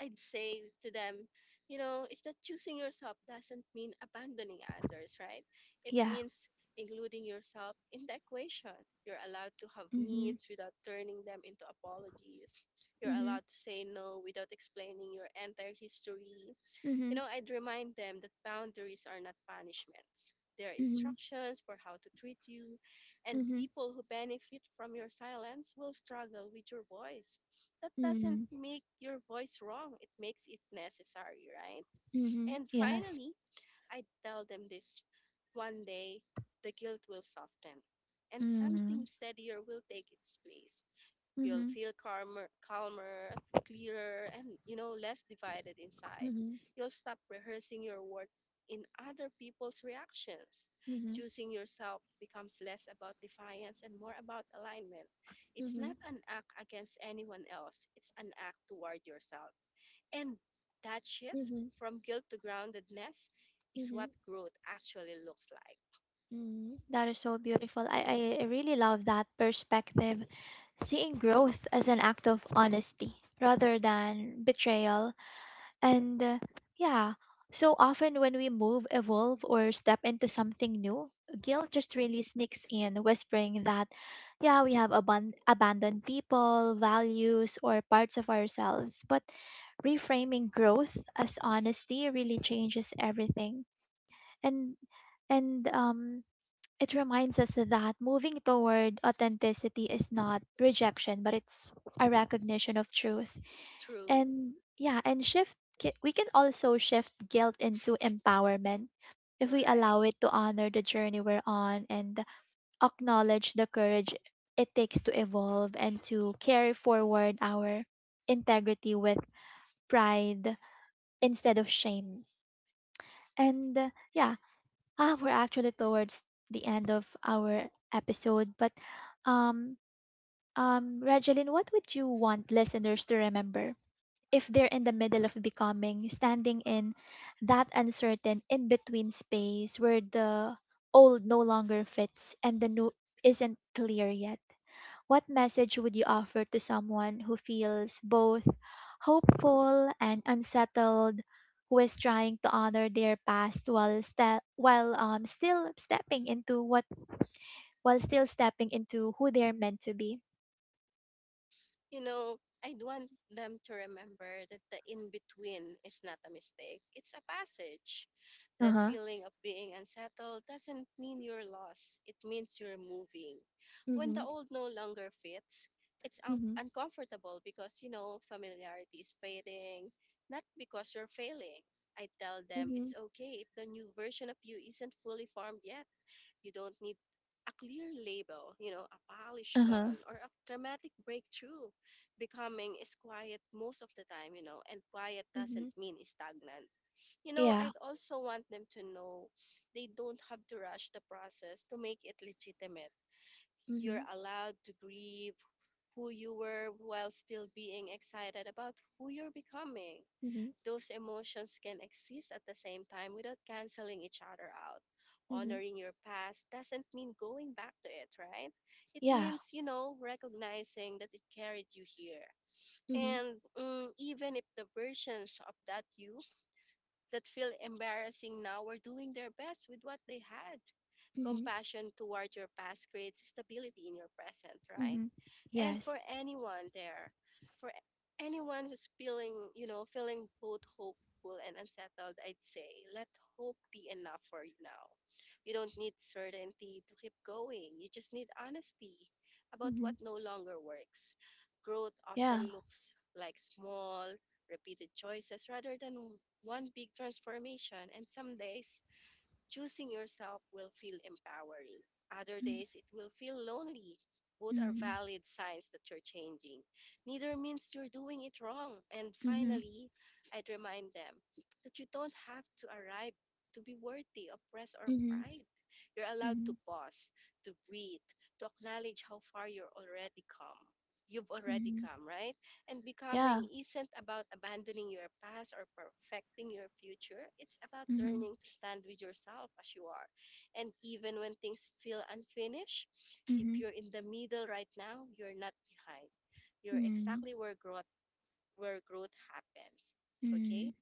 I'd say to them, you know, is that choosing yourself doesn't mean abandoning others, right? It
Yeah.
means including yourself in the equation. You're allowed to have
Hmm.
needs without turning them into apologies. You're
Hmm.
allowed to say no without explaining your entire history. You
Hmm.
know, I'd remind them that boundaries are not punishments. They're
Hmm.
instructions for how to treat you, and
Mhm.
people who benefit from your silence will struggle with your voice. That doesn't
Mm.
make your voice wrong, it makes it necessary, right?
Mhm.
And
Yes.
finally, I tell them this, one day the guilt will soften, and something
Mm.
steadier will take its place. You'll
Mhm.
feel calmer, calmer, clearer, and you know, less divided inside.
Mhm.
You'll stop rehearsing your worth in other people's reactions.
Mhm.
Choosing yourself becomes less about defiance and more about alignment. It's not
Mhm.
an act against anyone else, it's an act toward yourself. And that shift
Mhm.
from guilt to groundedness is
Mhm.
what growth actually looks like.
Mm. That is so beautiful. I really love that perspective, seeing growth as an act of honesty rather than betrayal. And yeah, so often when we move, evolve, or step into something new, guilt just really sneaks in, whispering that, yeah, we have abandoned people, values, or parts of ourselves. But reframing growth as honesty really changes everything. And and it reminds us that moving toward authenticity is not rejection, but it's a recognition of truth.
True.
And we can also shift guilt into empowerment if we
Right.
allow it, to honor the journey we're on and acknowledge the courage it takes to evolve and to carry forward our integrity with pride instead of shame. And yeah, we're actually towards the end of our episode, but um Regeline, what would you want listeners to remember if they're in the middle of becoming, standing in that uncertain in between space where the old no longer fits and the new isn't clear yet? What message would you offer to someone who feels both hopeful and unsettled, who is trying to honor their past while ste- while still stepping into what while still stepping into who they're meant to be?
You know, I'd want them to remember that the in between is not a mistake, it's a passage.
Uh
That
huh.
feeling of being unsettled doesn't mean you're lost, it means you're moving. When the
Mhm.
old no longer fits, it's
Mhm.
uncomfortable because, you know, familiarity is fading, not because you're failing. I tell them it's
Mhm.
okay if the new version of you isn't fully formed yet. You don't need a clear label, you know, a
Uh
polished
huh.
plan or a dramatic breakthrough. Becoming is quiet most of the time, you know, and quiet doesn't
Mhm.
mean stagnant. You know,
Yeah.
I'd also want them to know they don't have to rush the process to make it legitimate. You're
Mhm.
allowed to grieve who you were while still being excited about who you're becoming.
Mhm.
Those emotions can exist at the same time without canceling each other out.
Mhm.
Honoring your past doesn't mean going back to it, right? It
Yeah.
means, you know, recognizing that it carried you here.
Mhm.
And mm, even if the versions of that you that feel embarrassing now are doing their best with what they had,
Mhm.
compassion toward your past creates stability in your present, right?
Mhm.
And for
Yes.
anyone there, for anyone who's feeling, you know, feeling both hopeful and unsettled, I'd say let hope be enough for you now. You don't need certainty to keep going, you just need honesty about
Mhm.
what no longer works. Growth
Yeah.
often looks like small repeated choices rather than one big transformation. And some days choosing yourself will feel empowering. Other
Mhm.
days, it will feel lonely. Both are
Mhm.
valid signs that you're changing. Neither means you're doing it wrong. And
Mhm.
finally, I'd remind them that you don't have to arrive to be worthy of praise or
Mhm.
pride. You're allowed to
Mhm.
pause, to breathe, to acknowledge how far you're already come. You've already
Mhm.
come, right? And becoming
Yeah.
isn't about abandoning your past or perfecting your future. It's about
Mhm.
learning to stand with yourself as you are. And even when things feel unfinished, if
Mhm.
you're in the middle right now, you're not behind. You're
Mhm.
exactly where growth, where growth happens. Okay?
Mhm.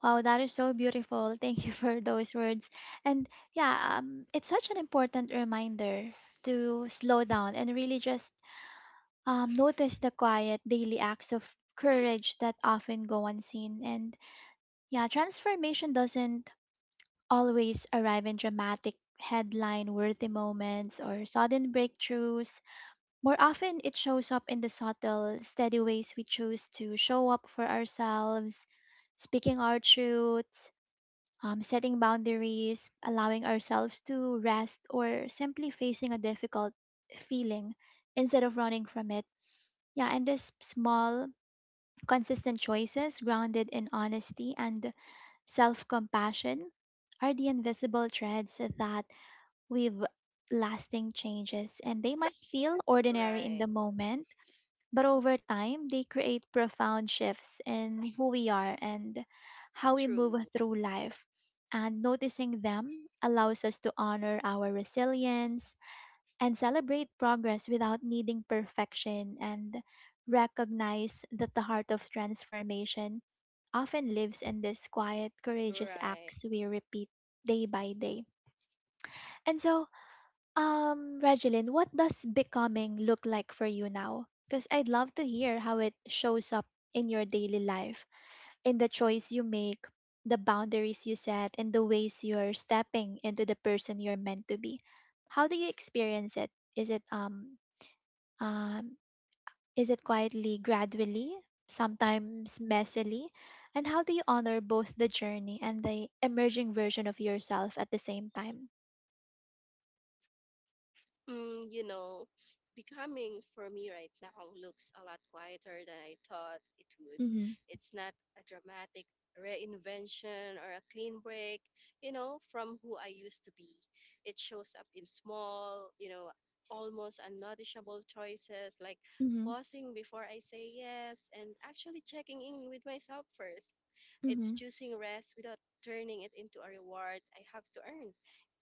Wow, that is so beautiful. Thank you for those words. And yeah, it's such an important reminder to slow down and really just notice the quiet daily acts of courage that often go unseen. And yeah, transformation doesn't always arrive in dramatic headline worthy moments or sudden breakthroughs. More often, it shows up in the subtle, steady ways we choose to show up for ourselves, speaking our truths, setting boundaries, allowing ourselves to rest, or simply facing a difficult feeling instead of running from it. Yeah, and these small, consistent choices grounded in honesty and self compassion are the invisible threads that with lasting changes, and they might feel ordinary in
Right.
the moment, but over time, they create profound shifts in who we are and how we move
True.
through life. And noticing them allows us to honor our resilience and celebrate progress without needing perfection, and recognize that the heart of transformation often lives in these quiet, courageous
Right.
acts we repeat day by day. And so, Regeline, what does becoming look like for you now? Because I'd love to hear how it shows up in your daily life, in the choice you make, the boundaries you set, and the ways you're stepping into the person you're meant to be. How do you experience it? Is it um um is it quietly, gradually, sometimes messily? And how do you honor both the journey and the emerging version of yourself at the same time?
Mm, you know, becoming for me right now looks a lot quieter than I thought it would.
Mm-hmm.
It's not a dramatic reinvention or a clean break, you know, from who I used to be. It shows up in small, you know, almost unnoticeable choices like
Mm-hmm.
pausing before I say yes and actually checking in with myself first. It's choosing rest without turning it into a reward I have to earn.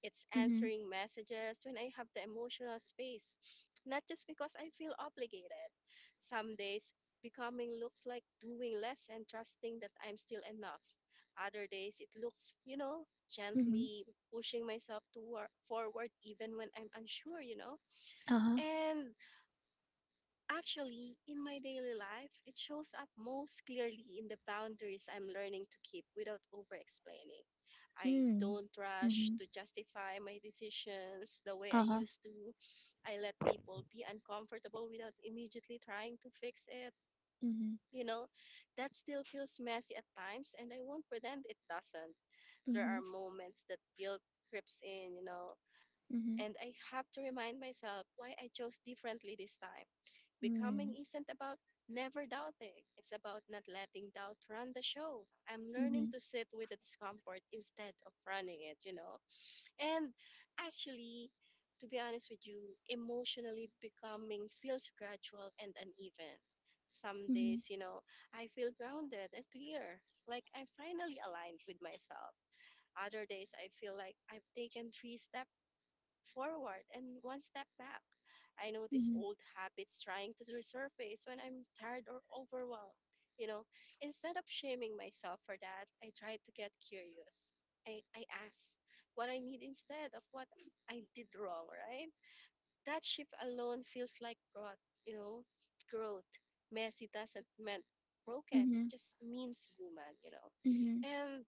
It's
Mm-hmm.
answering messages when I have the emotional space, not just because I feel obligated. Some days, becoming looks like doing less and trusting that I'm still enough. Other days, it looks, you know,
Mm-hmm.
gently pushing myself toward forward even when I'm unsure, you know?
Uh-huh.
And actually, in my daily life, it shows up most clearly in the boundaries I'm learning to keep without over explaining. I
Mm.
don't rush
Mhm.
to justify my decisions the way I
Uh-huh.
used to. I let people be uncomfortable without immediately trying to fix it.
Mhm.
You know, that still feels messy at times, and I won't pretend it doesn't. There are
Mhm.
moments that guilt creeps in, you know,
Mhm.
and I have to remind myself why I chose differently this time.
Mm.
Becoming isn't about never doubting, it's about not letting doubt run the show. I'm learning
Mhm.
to sit with the discomfort instead of running it, you know? And actually, to be honest with you, emotionally becoming feels gradual and uneven. Some
Mhm.
days, you know, I feel grounded and clear, like I'm finally aligned with myself. Other days, I feel like I've taken three steps forward and one step back. I notice
Mhm.
old habits trying to resurface when I'm tired or overwhelmed. You know, instead of shaming myself for that, I try to get curious. I ask what I need instead of what I did wrong, right? That shift alone feels like growth, you know, growth. Messy doesn't mean broken, it
Mhm.
just means human, you know.
Mhm.
And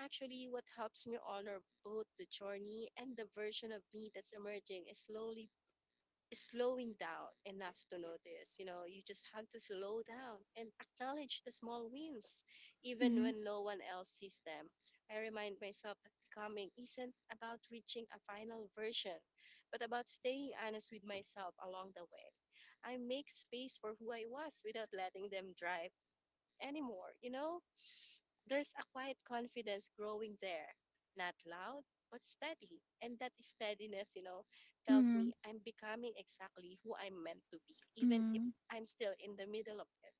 actually, what helps me honor both the journey and the version of me that's emerging is slowly is slowing down enough to notice. You know, you just have to slow down and acknowledge the small wins, even
Mhm.
when no one else sees them. I remind myself that becoming isn't about reaching a final version, but about staying honest with myself along the way. I make space for who I was without letting them drive anymore, you know? There's a quiet confidence growing there, not loud, but steady. And that steadiness, you know, tells
Mm.
me I'm becoming exactly who I'm meant to be, even if
Mm.
I'm still in the middle of it.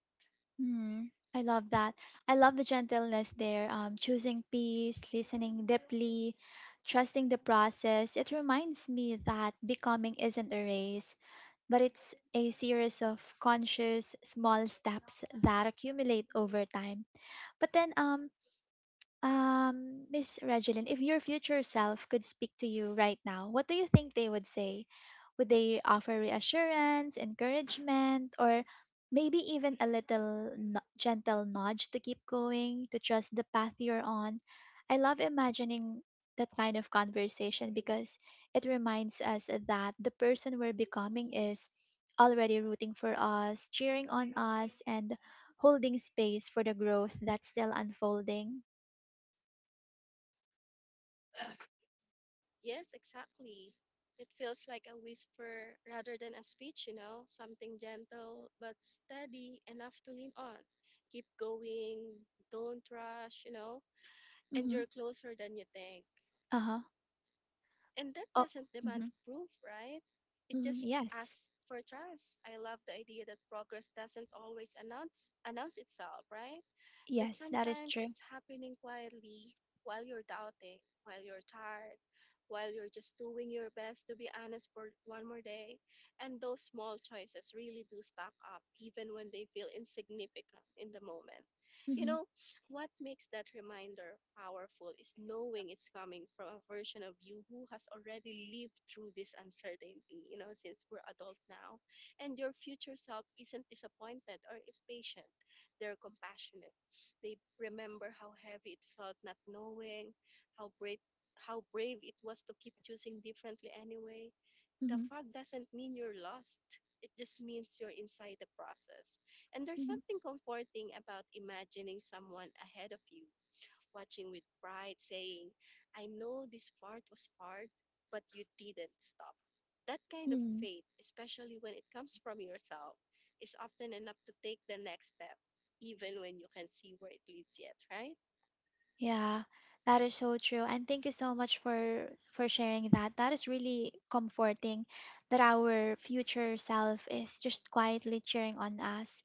Mm. I love that. I love the gentleness there, choosing peace, listening deeply, trusting the process. It reminds me that becoming isn't a race, but it's a series of conscious, small steps that accumulate over time. But then, Miss Regeline, if your future self could speak to you right now, what do you think they would say? Would they offer reassurance, encouragement, or maybe even a little no- gentle nudge to keep going, to trust the path you're on? I love imagining that kind of conversation because it reminds us that the person we're becoming is already rooting for us, cheering on us, and holding space for the growth that's still unfolding.
Yes, exactly. It feels like a whisper rather than a speech, you know, something gentle but steady enough to lean on. Keep going, don't rush, you know, and
Mhm.
you're closer than you think.
Uh-huh.
And that
Oh.
doesn't demand
Mhm.
proof, right? It
Mhm.
just
Yes.
asks for trust. I love the idea that progress doesn't always announce itself, right? That
Yes, that is
sometimes
true.
it's happening quietly while you're doubting, while you're tired, while you're just doing your best to be honest for one more day. And those small choices really do stack up, even when they feel insignificant in the moment. You
Mhm.
know, what makes that reminder powerful is knowing it's coming from a version of you who has already lived through this uncertainty, you know, since we're adult now. And your future self isn't disappointed or impatient, they're compassionate. They remember how heavy it felt not knowing, how brave, how brave it was to keep choosing differently anyway. The
Mhm.
fog doesn't mean you're lost. It just means you're inside the process. And there's
Mhm.
something comforting about imagining someone ahead of you watching with pride, saying, I know this part was hard, but you didn't stop. That kind of
Mm.
faith, especially when it comes from yourself, is often enough to take the next step, even when you can see where it leads yet, right?
Yeah. That is so true. And thank you so much for sharing that. That is really comforting, that our future self is just quietly cheering on us.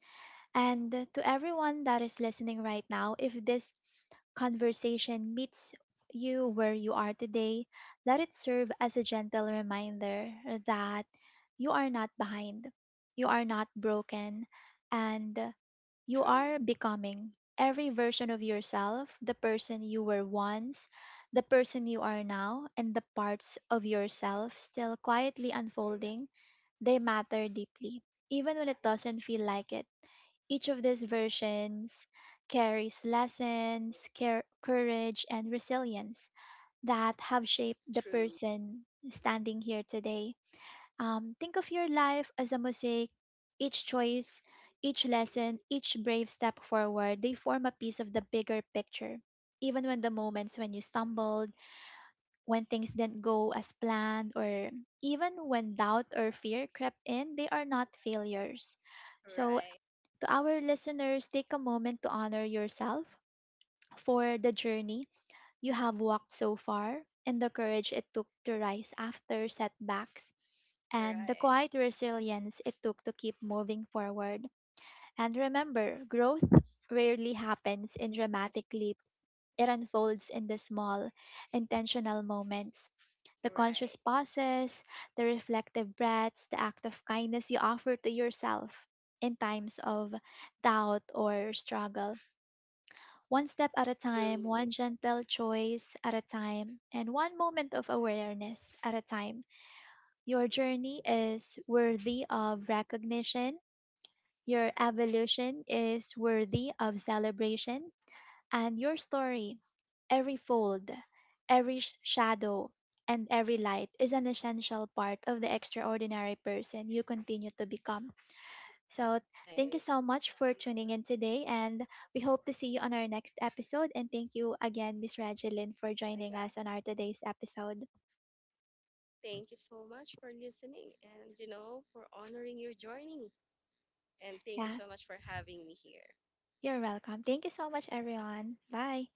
And to everyone that is listening right now, if this conversation meets you where you are today, let it serve as a gentle reminder that you are not behind, you are not broken, and you
True,
are becoming every version of yourself: the person you were once, the person you are now, and the parts of yourself still quietly unfolding. They matter deeply, even when it doesn't feel like it. Each of these versions carries lessons, care, courage, and resilience that have shaped the
true,
person standing here today. Think of your life as a mosaic. Each choice, each lesson, each brave step forward, they form a piece of the bigger picture. Even when the moments when you stumbled, when things didn't go as planned, or even when doubt or fear crept in, they are not failures. So
right,
to our listeners, take a moment to honor yourself for the journey you have walked so far, and the courage it took to rise after setbacks, and the
right,
quiet resilience it took to keep moving forward. And remember, growth rarely happens in dramatic leaps. It unfolds in the small, intentional moments, the conscious
right,
pauses, the reflective breaths, the act of kindness you offer to yourself in times of doubt or struggle. One step at a time,
true,
one gentle choice at a time, and one moment of awareness at a time. Your journey is worthy of recognition. Your evolution is worthy of celebration, and your story, every fold, shadow, and every light is an essential part of the extraordinary person you continue to become. So, thank you
right.
so much for tuning in today, and we hope to see you on our next episode. And thank you again, Miss Regeline, for joining us on our today's episode.
Thank you so much for listening and, you know, for honoring your joining. And thank you
Yeah,
so much for having me here.
you're welcome. Thank you so much, everyone. Bye.